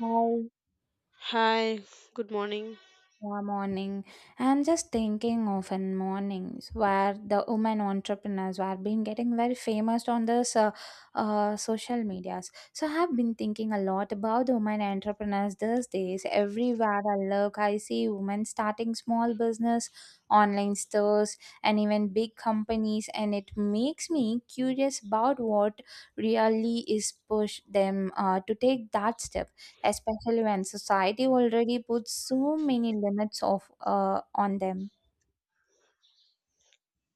Hi, Hi, good morning. yeah, morning. I'm just thinking of an mornings where the women entrepreneurs were been getting very famous on this social medias. So I have been thinking a lot about the women entrepreneurs these days. Everywhere I look, I see women starting small business, online stores, and even big companies, and it makes me curious about what really is push them to take that step, especially when society already puts so many limits of on them.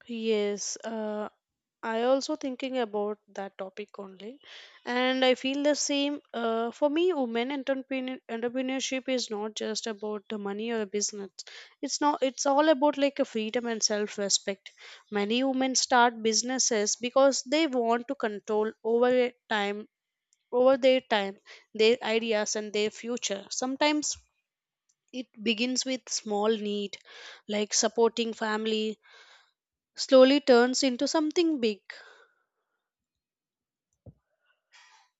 Yes, I also thinking about that topic only, and I feel the same. For me, entrepreneurship is not just about the money or business. It's not. It's all about like a freedom and self-respect. Many women start businesses because they want to control over a time, over their time, their ideas, and their future. Sometimes it begins with small need, like supporting family slowly turns into something big.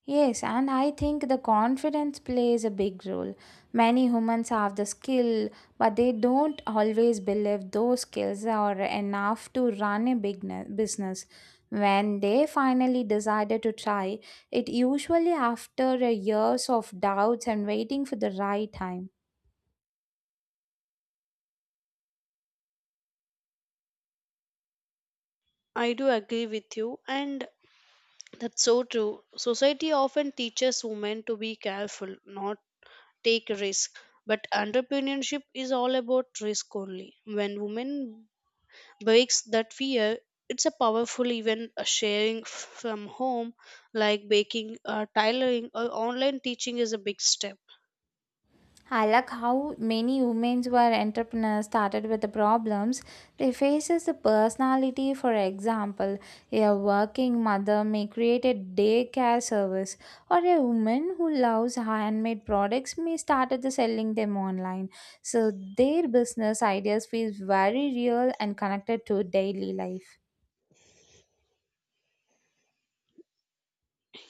Yes, and I think the confidence plays a big role. Many humans have the skill, but they don't always believe those skills are enough to run a big business. When they finally decided to try, it usually after a years of doubts and waiting for the right time. I do agree with you, and that's so true. Society often teaches women to be careful, not take risk. But entrepreneurship is all about risk only. When women breaks that fear, it's a powerful even a from home, like baking, tailoring, or online teaching is a big step. I like how many women who are entrepreneurs started with the problems they faces the personality. For example, a working mother may create a daycare service, or a woman who loves handmade products may start at the selling them online. So their business ideas feel very real and connected to daily life.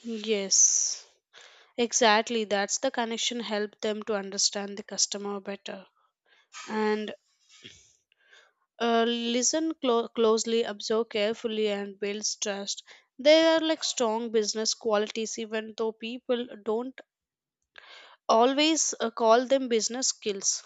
Yes, exactly. That's the connection help them to understand the customer better and listen closely, observe carefully, and builds trust. They are like strong business qualities, even though people don't always call them business skills.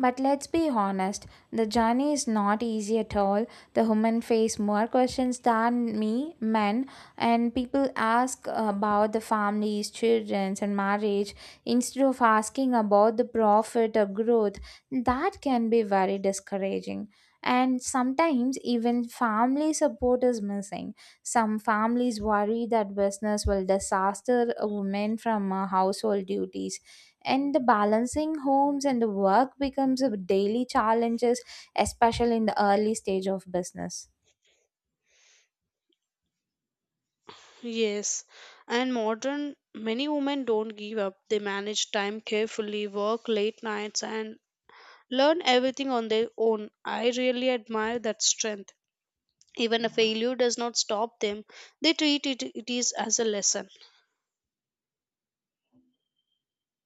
But let's be honest, the journey is not easy at all. The women face more questions than me, men, and people ask about the families, children, and marriage instead of asking about the profit or growth. That can be very discouraging. And sometimes even family support is missing. Some families worry that business will disaster a woman from household duties, and the balancing homes and the work becomes a daily challenges, especially in the early stage of business. Yes, and modern many women don't give up. They manage time carefully, work late nights, and learn everything on their own. I really admire that strength. Even a failure does not stop them. They it is as a lesson.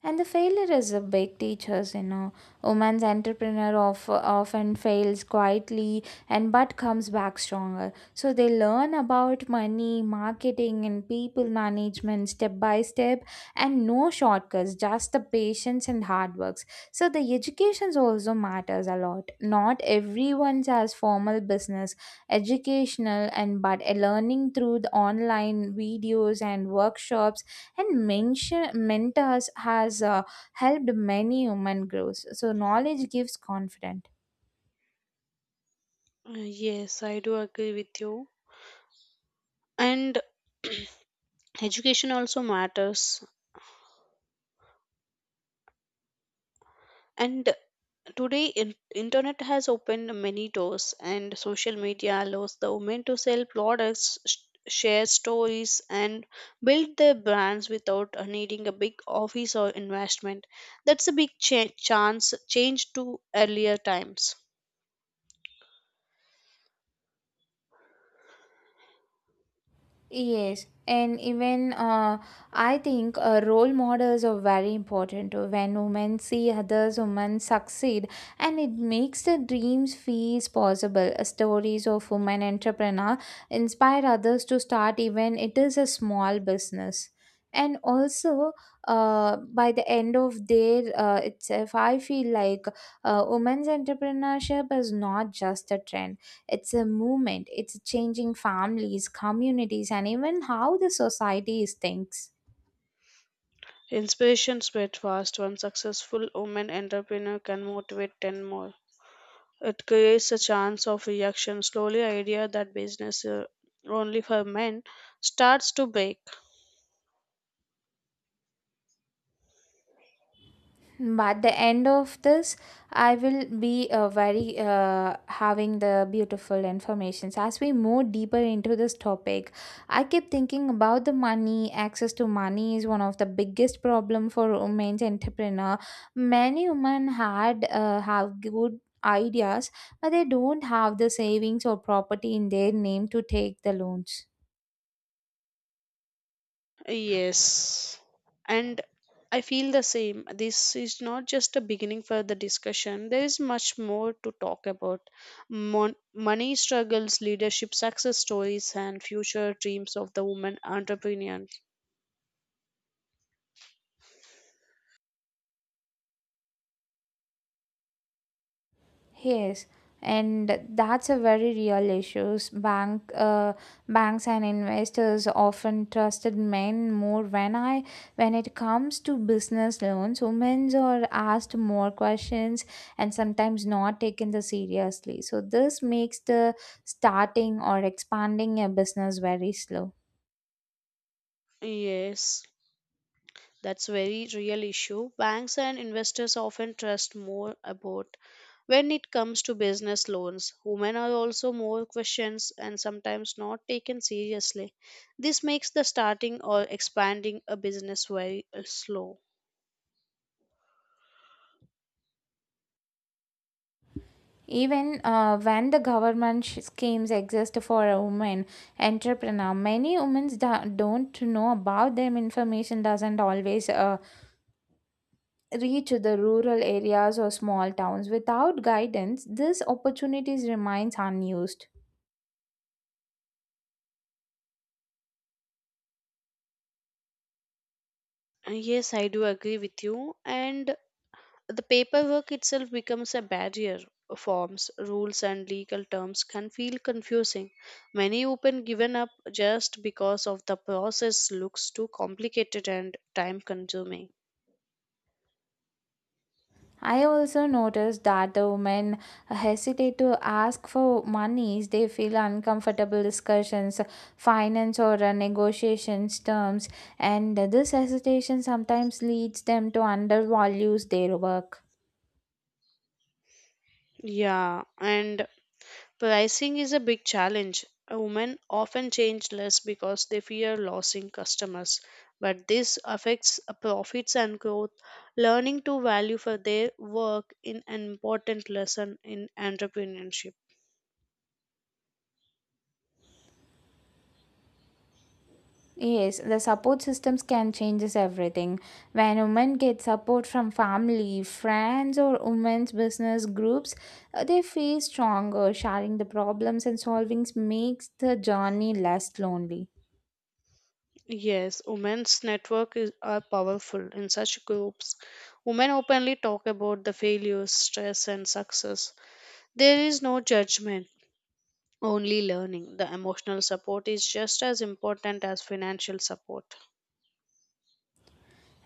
And the failure is a big teachers, you know, women's entrepreneur of, often fails quietly and but comes back stronger, so they learn about money marketing and people management step by step, and no shortcuts, just the patience and hard works. So the educations also matters a lot. Not everyone has formal business educational and but a learning through the online videos and workshops and mention mentors has helped many human growth, so knowledge gives confidence. Yes, I do agree with you. And education also matters and today internet has opened many doors, and social media allows the women to sell share stories and build their brands without needing a big office or investment. That's a big cha- chance change to earlier times. Yes, and even I think role models are very important. When women see others women succeed, and it makes their dreams feels possible. Stories of women entrepreneur inspire others to start even it is a small business. And also, by the end of their itself, I feel like women's entrepreneurship is not just a trend. It's a movement, it's changing families, communities, and even how the society is thinks. Inspiration spread fast. One successful woman entrepreneur can motivate 10 more. It creates a chance of reaction. Slowly, idea that business only for men starts to break. But the end of this, I will be very having the beautiful informations as we move deeper into this topic. I keep thinking about the money. Access to money is one of the biggest problem for women's entrepreneur. Many women had have good ideas, but they don't have the savings or property in their name to take the loans. Yes. And I feel the same. This is not just a beginning for the discussion. There is much more to talk about. Money struggles, leadership, success stories, and future dreams of the woman entrepreneur. Yes, and that's a very real issue. Banks and investors often trusted men more. When it comes to business loans, women are asked more questions and sometimes not taken the seriously. So this makes the starting or expanding a business very slow. Yes, that's very real issue. Banks and investors often trust more about. When it comes to business loans, women are also more questions and sometimes not taken seriously. This makes the starting or expanding a business very slow. Even when the government schemes exist for a woman entrepreneur, many women don't know about them. Information doesn't always reach the rural areas or small towns. Without guidance, these opportunities remains unused. Yes, I do agree with you. And the paperwork itself becomes a barrier. Forms, rules, and legal terms can feel confusing. Many open given up just because of the process looks too complicated and time consuming. I also noticed that the women hesitate to ask for monies. They feel uncomfortable discussions, finance or negotiations terms, and this hesitation sometimes leads them to undervalue their work. Yeah, and pricing is a big challenge. Women often change less because they fear losing customers, but this affects profits and growth. Learning to value for their work is an important lesson in entrepreneurship. Yes, the support systems can changes everything. When women get support from family, friends, or women's business groups, they feel stronger. Sharing the problems and solvings makes the journey less lonely. Yes, are powerful in such groups. Women openly talk about the failures, stress, and success. There is no judgment, only learning. The emotional support is just as important as financial support.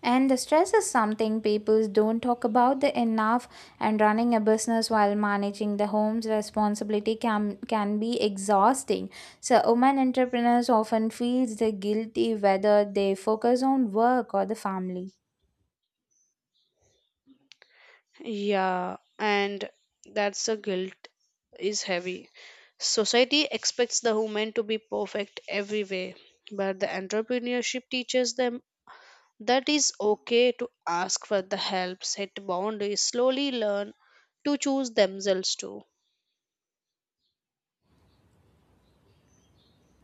And the stress is something people don't talk about the enough, and running a business while managing the home's responsibility can be exhausting. So women entrepreneurs often feels the guilty whether they focus on work or the family. Yeah, and that's the guilt is heavy. Society expects the woman to be perfect every way, but the entrepreneurship teaches them that is okay to ask for the help, set boundaries, slowly learn to choose themselves too.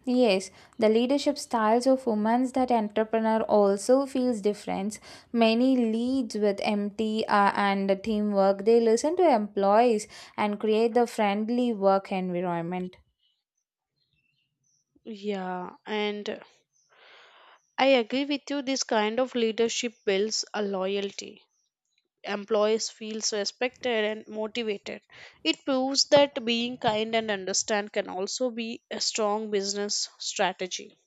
Yes, the leadership styles of women that entrepreneur also feels different. Many leads with empty and teamwork. They listen to employees and create the friendly work environment. Yeah, and I agree with you. This kind of leadership builds a loyalty. Employees feels respected and motivated. It proves that being kind and understand can also be a strong business strategy.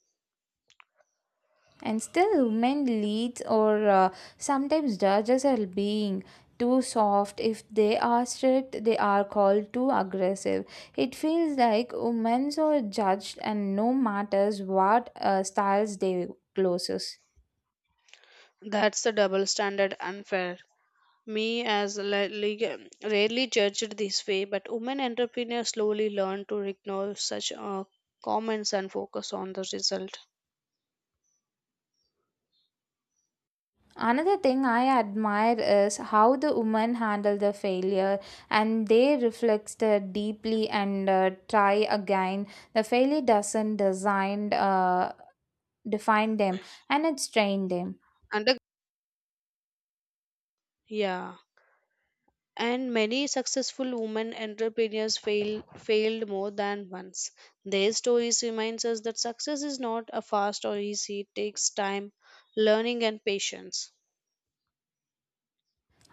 And still, men leads or sometimes judges are being too soft. If they are strict, they are called too aggressive. It feels like women are judged, and no matters what styles they closes. That's the double standard unfair. Me as rarely judged this way, but women entrepreneurs slowly learn to ignore such comments and focus on the result. Another thing I admire is how the women handle the failure and they reflect it deeply and try again. The failure doesn't design, define them and it train them. And the- yeah and many successful women entrepreneurs failed more than once. Their stories reminds us that success is not a fast or easy. It takes time, learning, and patience.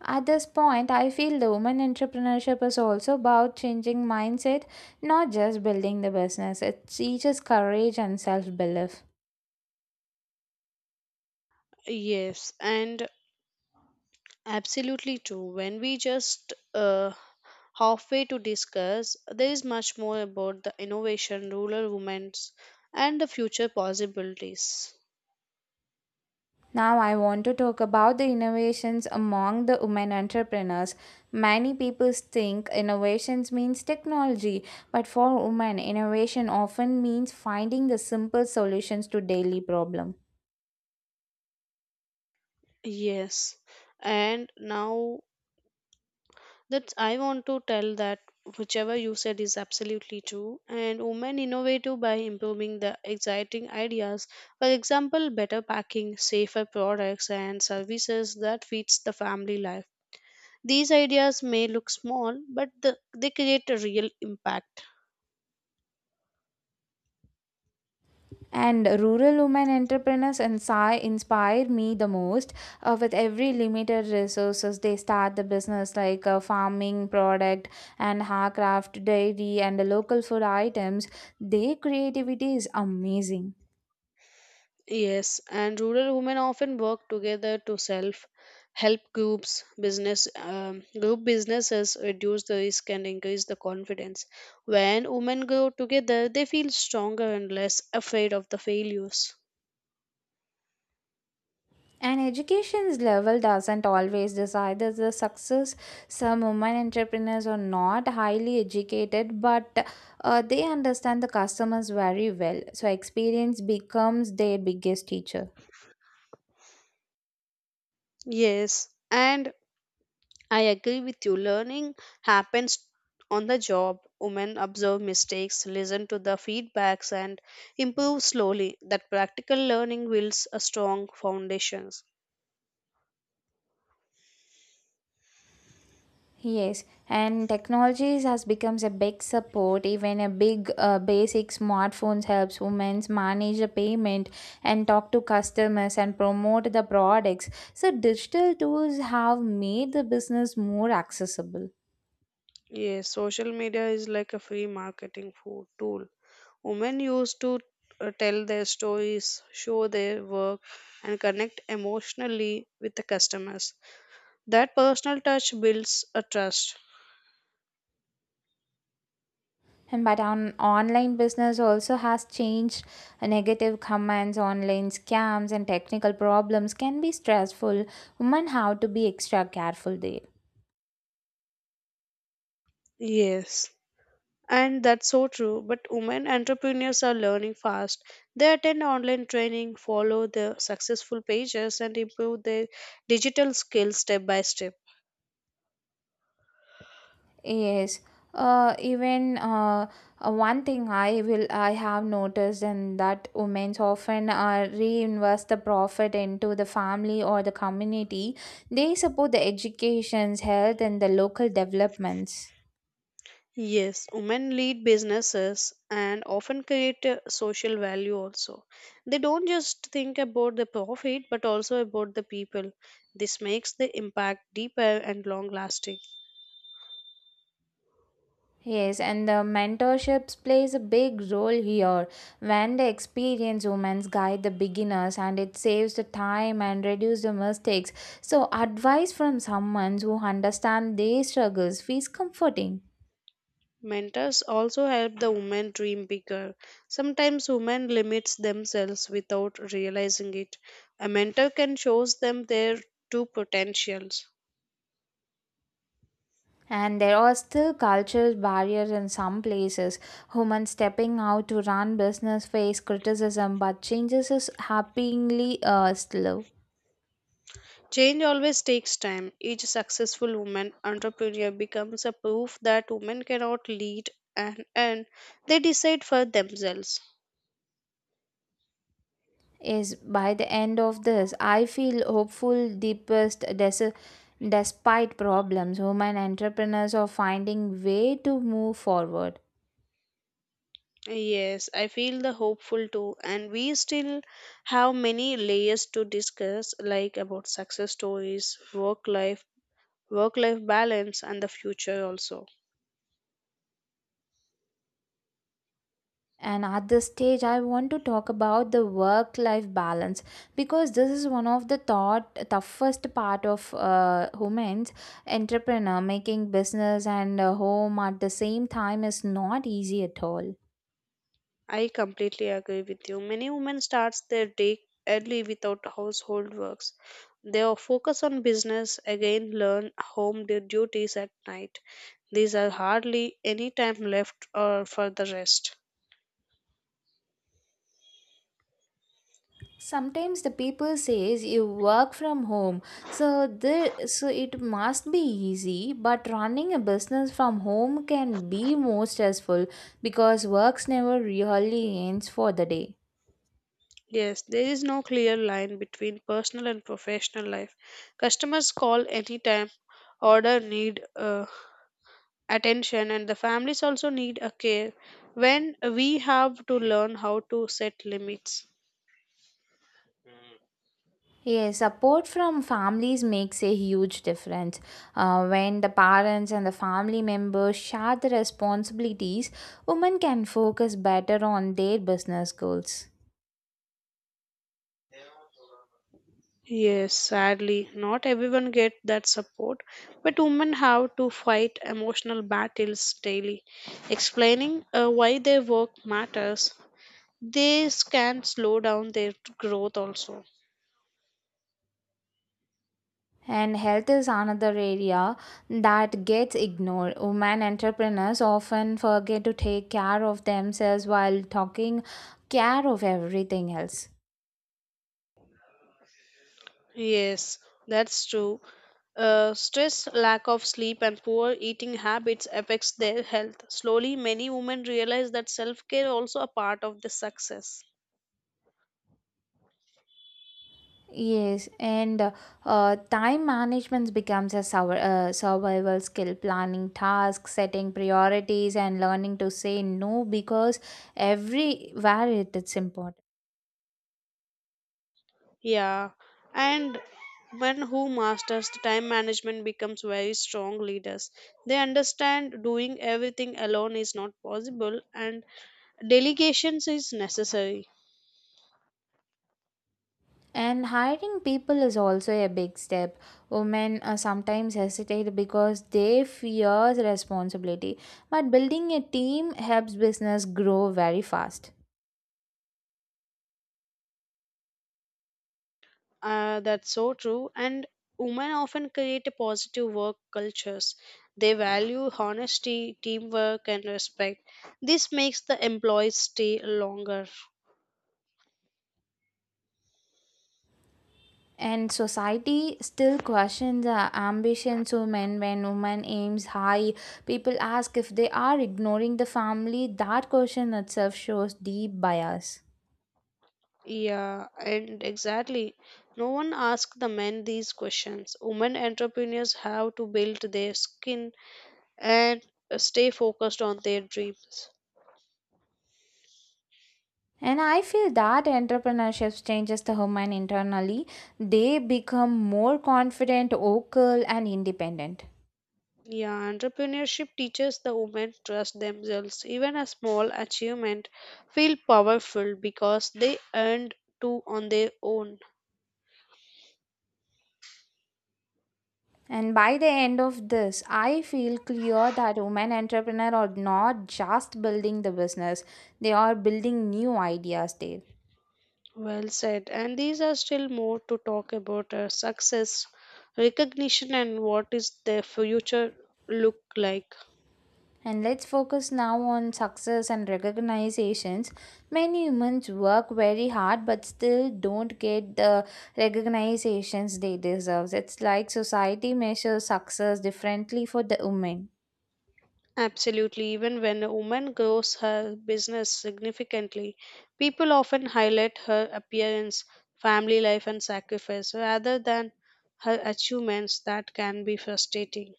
At this point, I feel the women entrepreneurship is also about changing mindset, not just building the business. It teaches courage and self belief. Yes, and absolutely true. When we just halfway to discuss, there is much more about the innovation, rural women's, and the future possibilities. Now, I want to talk about the innovations among the women entrepreneurs. Many people think innovations means technology, but for women, innovation often means finding the simple solutions to daily problem. Yes, and now that I want to tell that whichever you said is absolutely true. And women innovative by improving the exciting ideas. For example, better packing, safer products and services that fits the family life. These ideas may look small, but they create a real impact. And rural women entrepreneurs inspire me the most. With every limited resources, they start the business like farming product and handcraft, dairy, and local food items. Their creativity is amazing. Yes, and rural women often work together to self help groups, business group businesses reduce the risk and increase the confidence. When women grow together, they feel stronger and less afraid of the failures. And education's level doesn't always decide the success. Some women entrepreneurs are not highly educated, but they understand the customers very well. So experience becomes their biggest teacher. Yes, and I agree with you. Learning happens on the job. Women observe mistakes, listen to the feedbacks, and improve slowly. That practical learning builds a strong foundation. Yes, and technologies has becomes a big support. Even a big basic smartphones helps women manage the payment and talk to customers and promote the products. So digital tools have made the business more accessible. Yes, social media is like a free tool. Women used to tell their stories, show their work, and connect emotionally with the customers. That personal touch builds a trust. And but on online business also has changed. Negative comments, online scams, and technical problems can be stressful. Women have to be extra careful there. Yes, and that's so true. But women entrepreneurs are learning fast. They attend online training, follow the successful pages, and improve their digital skills step by step. Yes. Even one thing I have noticed and that women often reinvest the profit into the family or the community. They support the educations, health, and the local developments. Yes, women lead businesses and often create a social value also. They don't just think about the profit but also about the people. This makes the impact deeper and long lasting. Yes, and the mentorships plays a big role here. When the experienced women guide the beginners, and it saves the time and reduce the mistakes. So, advice from someone who understands their struggles feels comforting. Mentors also help the women dream bigger. Sometimes women limits themselves without realizing it. A mentor can shows them their true potentials. And there are still cultural barriers in some places. Women stepping out to run business face criticism, but changes is happeningly slow. Change always takes time. Each successful woman entrepreneur becomes a proof that women cannot lead and they decide for themselves. Is by the end of this, I feel hopeful deepest despite problems. Women entrepreneurs are finding way to move forward. Yes, I feel the hopeful too, and we still have many layers to discuss, like about success stories, work life balance, and the future also. And at this stage, I want to talk about the work life balance, because this is one of the thought toughest part of women's entrepreneur making business and home at the same time is not easy at all. I completely agree with you. Many women starts their day early without household works. They are focus on business, again learn home duties at night. These are hardly any time left or for the rest. Sometimes the people says you work from home, so it must be easy. But running a business from home can be more stressful because works never really ends for the day. Yes, there is no clear line between personal and professional life. Customers call anytime, order need attention, and the families also need a care. When we have to learn how to set limits. Yes, support from families makes a huge difference. When the parents and the family members share the responsibilities, women can focus better on their business goals. Yes, sadly, not everyone get that support, but women have to fight emotional battles daily, explaining why their work matters. This can slow down their growth also. And health is another area that gets ignored. Women entrepreneurs often forget to take care of themselves while taking care of everything else. Yes, that's true. Stress, lack of sleep, and poor eating habits affects their health. Slowly, many women realize that self-care also a part of the success. Yes, and time management becomes a survival skill. Planning tasks, setting priorities, and learning to say no because everywhere it is important. Yeah, and men who masters the time management becomes very strong leaders. They understand doing everything alone is not possible and delegations is necessary. And hiring people is also a big step. Women sometimes hesitate because they fear responsibility, but building a team helps business grow very fast. That's so true. And women often create a positive work cultures. They value honesty, teamwork, and respect. This makes the employees stay longer. And society still questions the ambitions of men when women aims high. People ask if they are ignoring the family. That question itself shows deep bias. Yeah, and exactly. No one asks the men these questions. Women entrepreneurs have to build their skin and stay focused on their dreams. And I feel that entrepreneurship changes the woman internally. They become more confident, vocal, and independent. Yeah, entrepreneurship teaches the women trust themselves. Even a small achievement feel powerful because they earned to on their own. And by the end of this, I feel clear that women entrepreneurs are not just building the business, they are building new ideas there. Well said. And these are still more to talk about success, recognition, and what is their future look like. And let's focus now on success and recognizations. Many humans work very hard but still don't get the recognizations they deserve. It's like society measures success differently for the women. Absolutely, even when a woman grows her business significantly, people often highlight her appearance, family life, and sacrifice rather than her achievements that can be frustrating.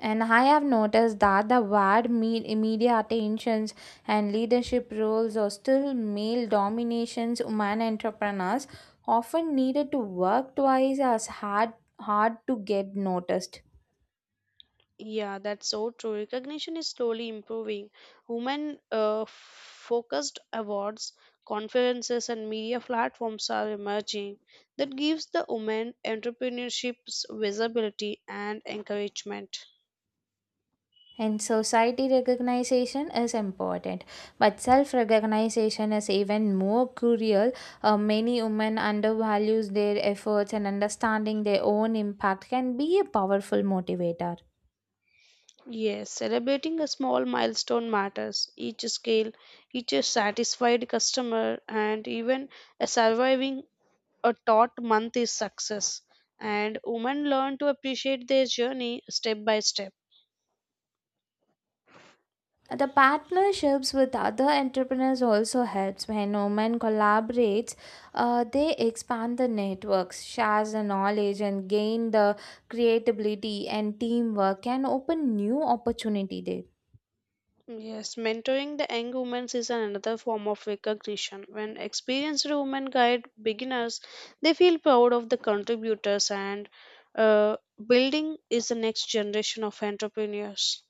And I have noticed that the wide media attentions and leadership roles are still male dominations. Women entrepreneurs often needed to work twice as hard to get noticed. Yeah, that's so true. Recognition is slowly improving. Women focused awards, conferences, and media platforms are emerging that gives the women entrepreneurships visibility and encouragement. And society recognition is important, but self recognition is even more crucial. Many women undervalues their efforts, and understanding their own impact can be a powerful motivator. Yes, celebrating a small milestone matters. Each scale, each satisfied customer, and even a surviving a taut month is success. And women learn to appreciate their journey step by step. The partnerships with other entrepreneurs also helps when women collaborates. They expand the networks, shares the knowledge, and gain the creativity and teamwork can open new opportunity there. Yes, mentoring the young women is another form of recognition. When experienced women guide beginners, they feel proud of the contributors and uh, building is the next generation of entrepreneurs.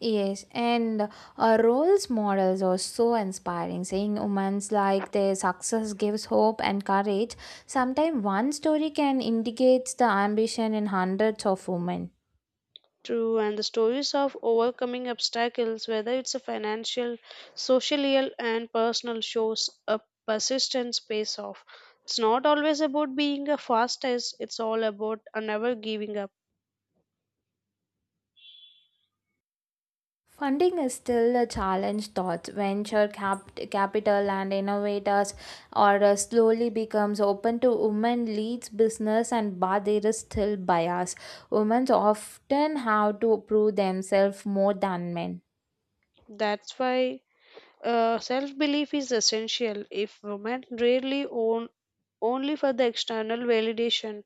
Yes, and roles models are so inspiring. Seeing women's like their success gives hope and courage. Sometimes one story can indicate the ambition in hundreds of women. True, and the stories of overcoming obstacles, whether it's a financial, social, and personal, shows a persistence pays off. It's not always about being a fastest, it's all about a never giving up. Funding is still a challenge. Thoughts, venture capital, and innovators are slowly becomes open to women leads business, and but there is still bias. Women often have to prove themselves more than men. That's why self belief is essential. If women rarely own only for the external validation,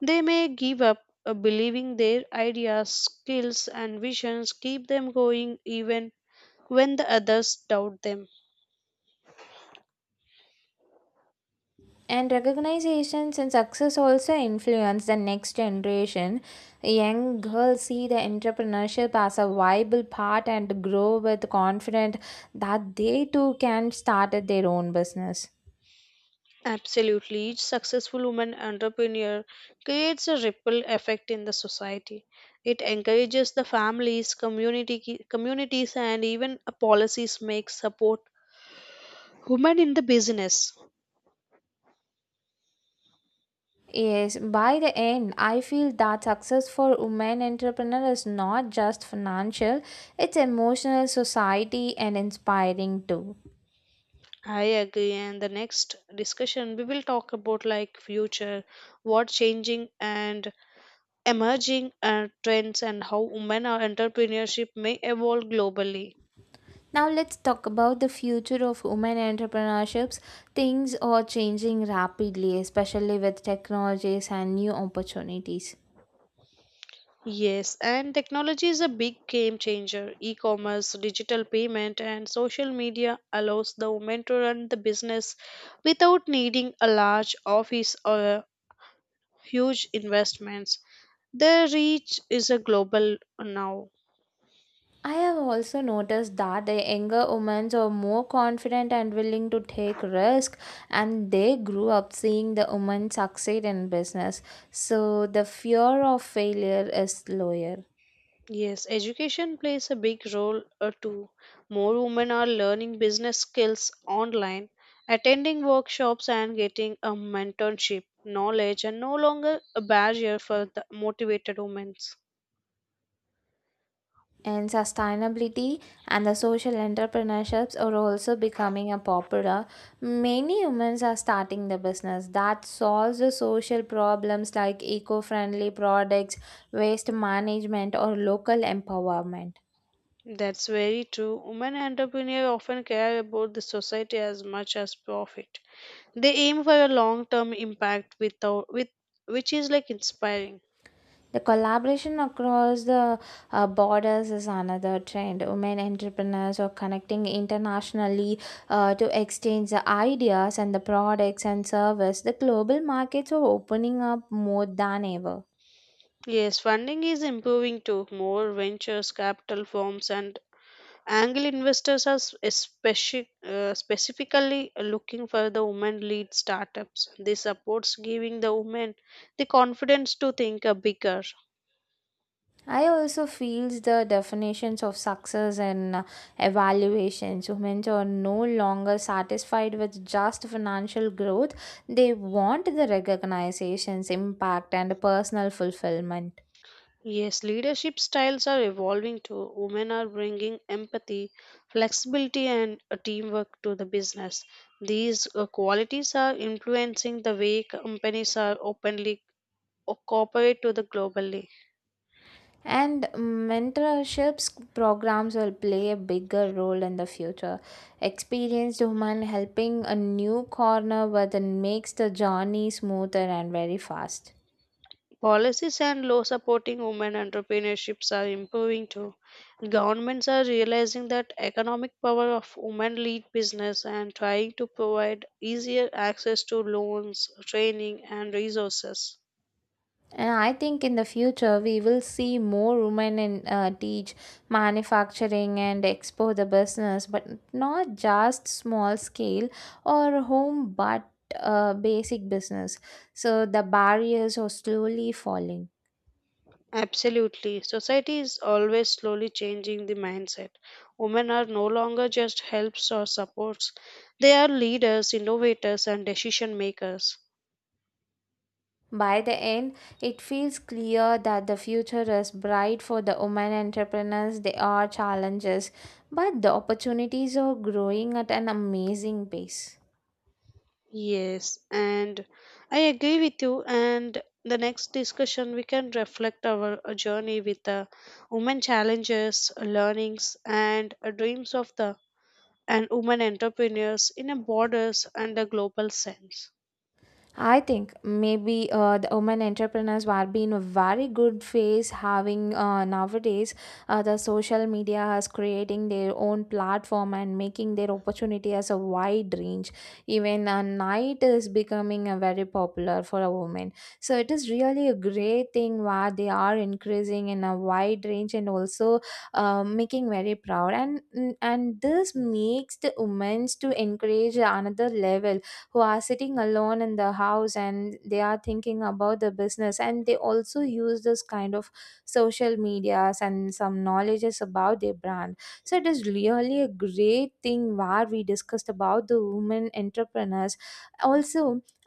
they may give up. Believing their ideas, skills, and visions keep them going even when the others doubt them. And recognizations and success also influence the next generation. Young girls see the entrepreneurship as a viable path and grow with confidence that they too can start at their own business. Absolutely. Each successful woman entrepreneur creates a ripple effect in the society. It encourages the families, communities, and even a policies make support women in the business. Yes, by the end, I feel that success for women entrepreneur is not just financial, it's emotional, society, and inspiring too. I agree. And the next discussion, we will talk about like future, what changing and emerging trends, and how women or entrepreneurship may evolve globally. Now let's talk about the future of women entrepreneurships. Things are changing rapidly, especially with technologies and new opportunities. Yes, and technology is a big game changer. E commerce, digital payment, and social media allows the woman to run the business without needing a large office or huge investments. Their reach is a global now. I have also noticed that the younger women are more confident and willing to take risk, and they grew up seeing the women succeed in business. So the fear of failure is lower. Yes, education plays a big role too. More women are learning business skills online, attending workshops, and getting a mentorship. Knowledge and no longer a barrier for the motivated women. And sustainability and the social entrepreneurships are also becoming a popular. Many humans are starting the business that solves the social problems like eco-friendly products, waste management, or local empowerment. That's very true. Women entrepreneurs often care about the society as much as profit. They aim for a long-term impact without with which is like inspiring. The collaboration across the borders is another trend. Women entrepreneurs are connecting internationally to exchange the ideas and the products and service. The global markets are opening up more than ever. Yes, funding is improving too. More ventures, capital firms, and angel investors are specifically looking for the women-led startups. This supports giving the women the confidence to think bigger. I also feels the definitions of success and evaluations. Women are no longer satisfied with just financial growth. They want the recognitions, impact, and personal fulfillment. Yes, leadership styles are evolving too. Women are bringing empathy, flexibility, and teamwork to the business. These qualities are influencing the way companies are openly cooperate to the globally. And mentorships programs will play a bigger role in the future. Experienced women helping a new corner, but it makes the journey smoother and very fast. Policies and law supporting women entrepreneurships are improving too. Governments are realizing that economic power of women lead business and trying to provide easier access to loans, training, and resources. And I think in the future we will see more women in teach manufacturing and expo the business, but not just small scale or home, but basic business. So the barriers are slowly falling. Absolutely. Society is always slowly changing the mindset. Women are no longer just helps or supports, they are leaders, innovators, and decision makers. By the end, it feels clear that the future is bright for the women entrepreneurs. There are challenges, but the opportunities are growing at an amazing pace. Yes, and I agree with you. And the next discussion, we can reflect our journey with the women challenges, learnings, and dreams of the and women entrepreneurs in a borders and a global sense. I think maybe the women entrepreneurs are being a very good phase having nowadays the social media is creating their own platform and making their opportunity as a wide range. Even a night is becoming a very popular for a woman. So it is really a great thing where they are increasing in a wide range and also making very proud. And this makes the women to encourage another level who are sitting alone in the house and they are thinking about the business and they also use this kind of social medias and some knowledges about their brand, so it is really a great thing where we discussed about the women entrepreneurs also.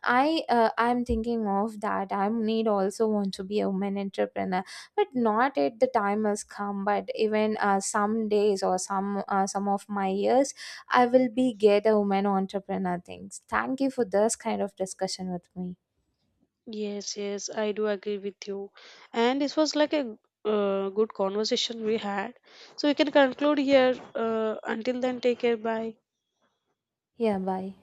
I'm thinking of that I need also want to be a woman entrepreneur, but not at the time has come, but even some days or some of my years I will be get a woman entrepreneur things. Thank you for this kind of discussion with me. Yes, yes, I do agree with you. And this was like a good conversation we had. So we can conclude here. Until then, take care. Bye. Yeah, bye.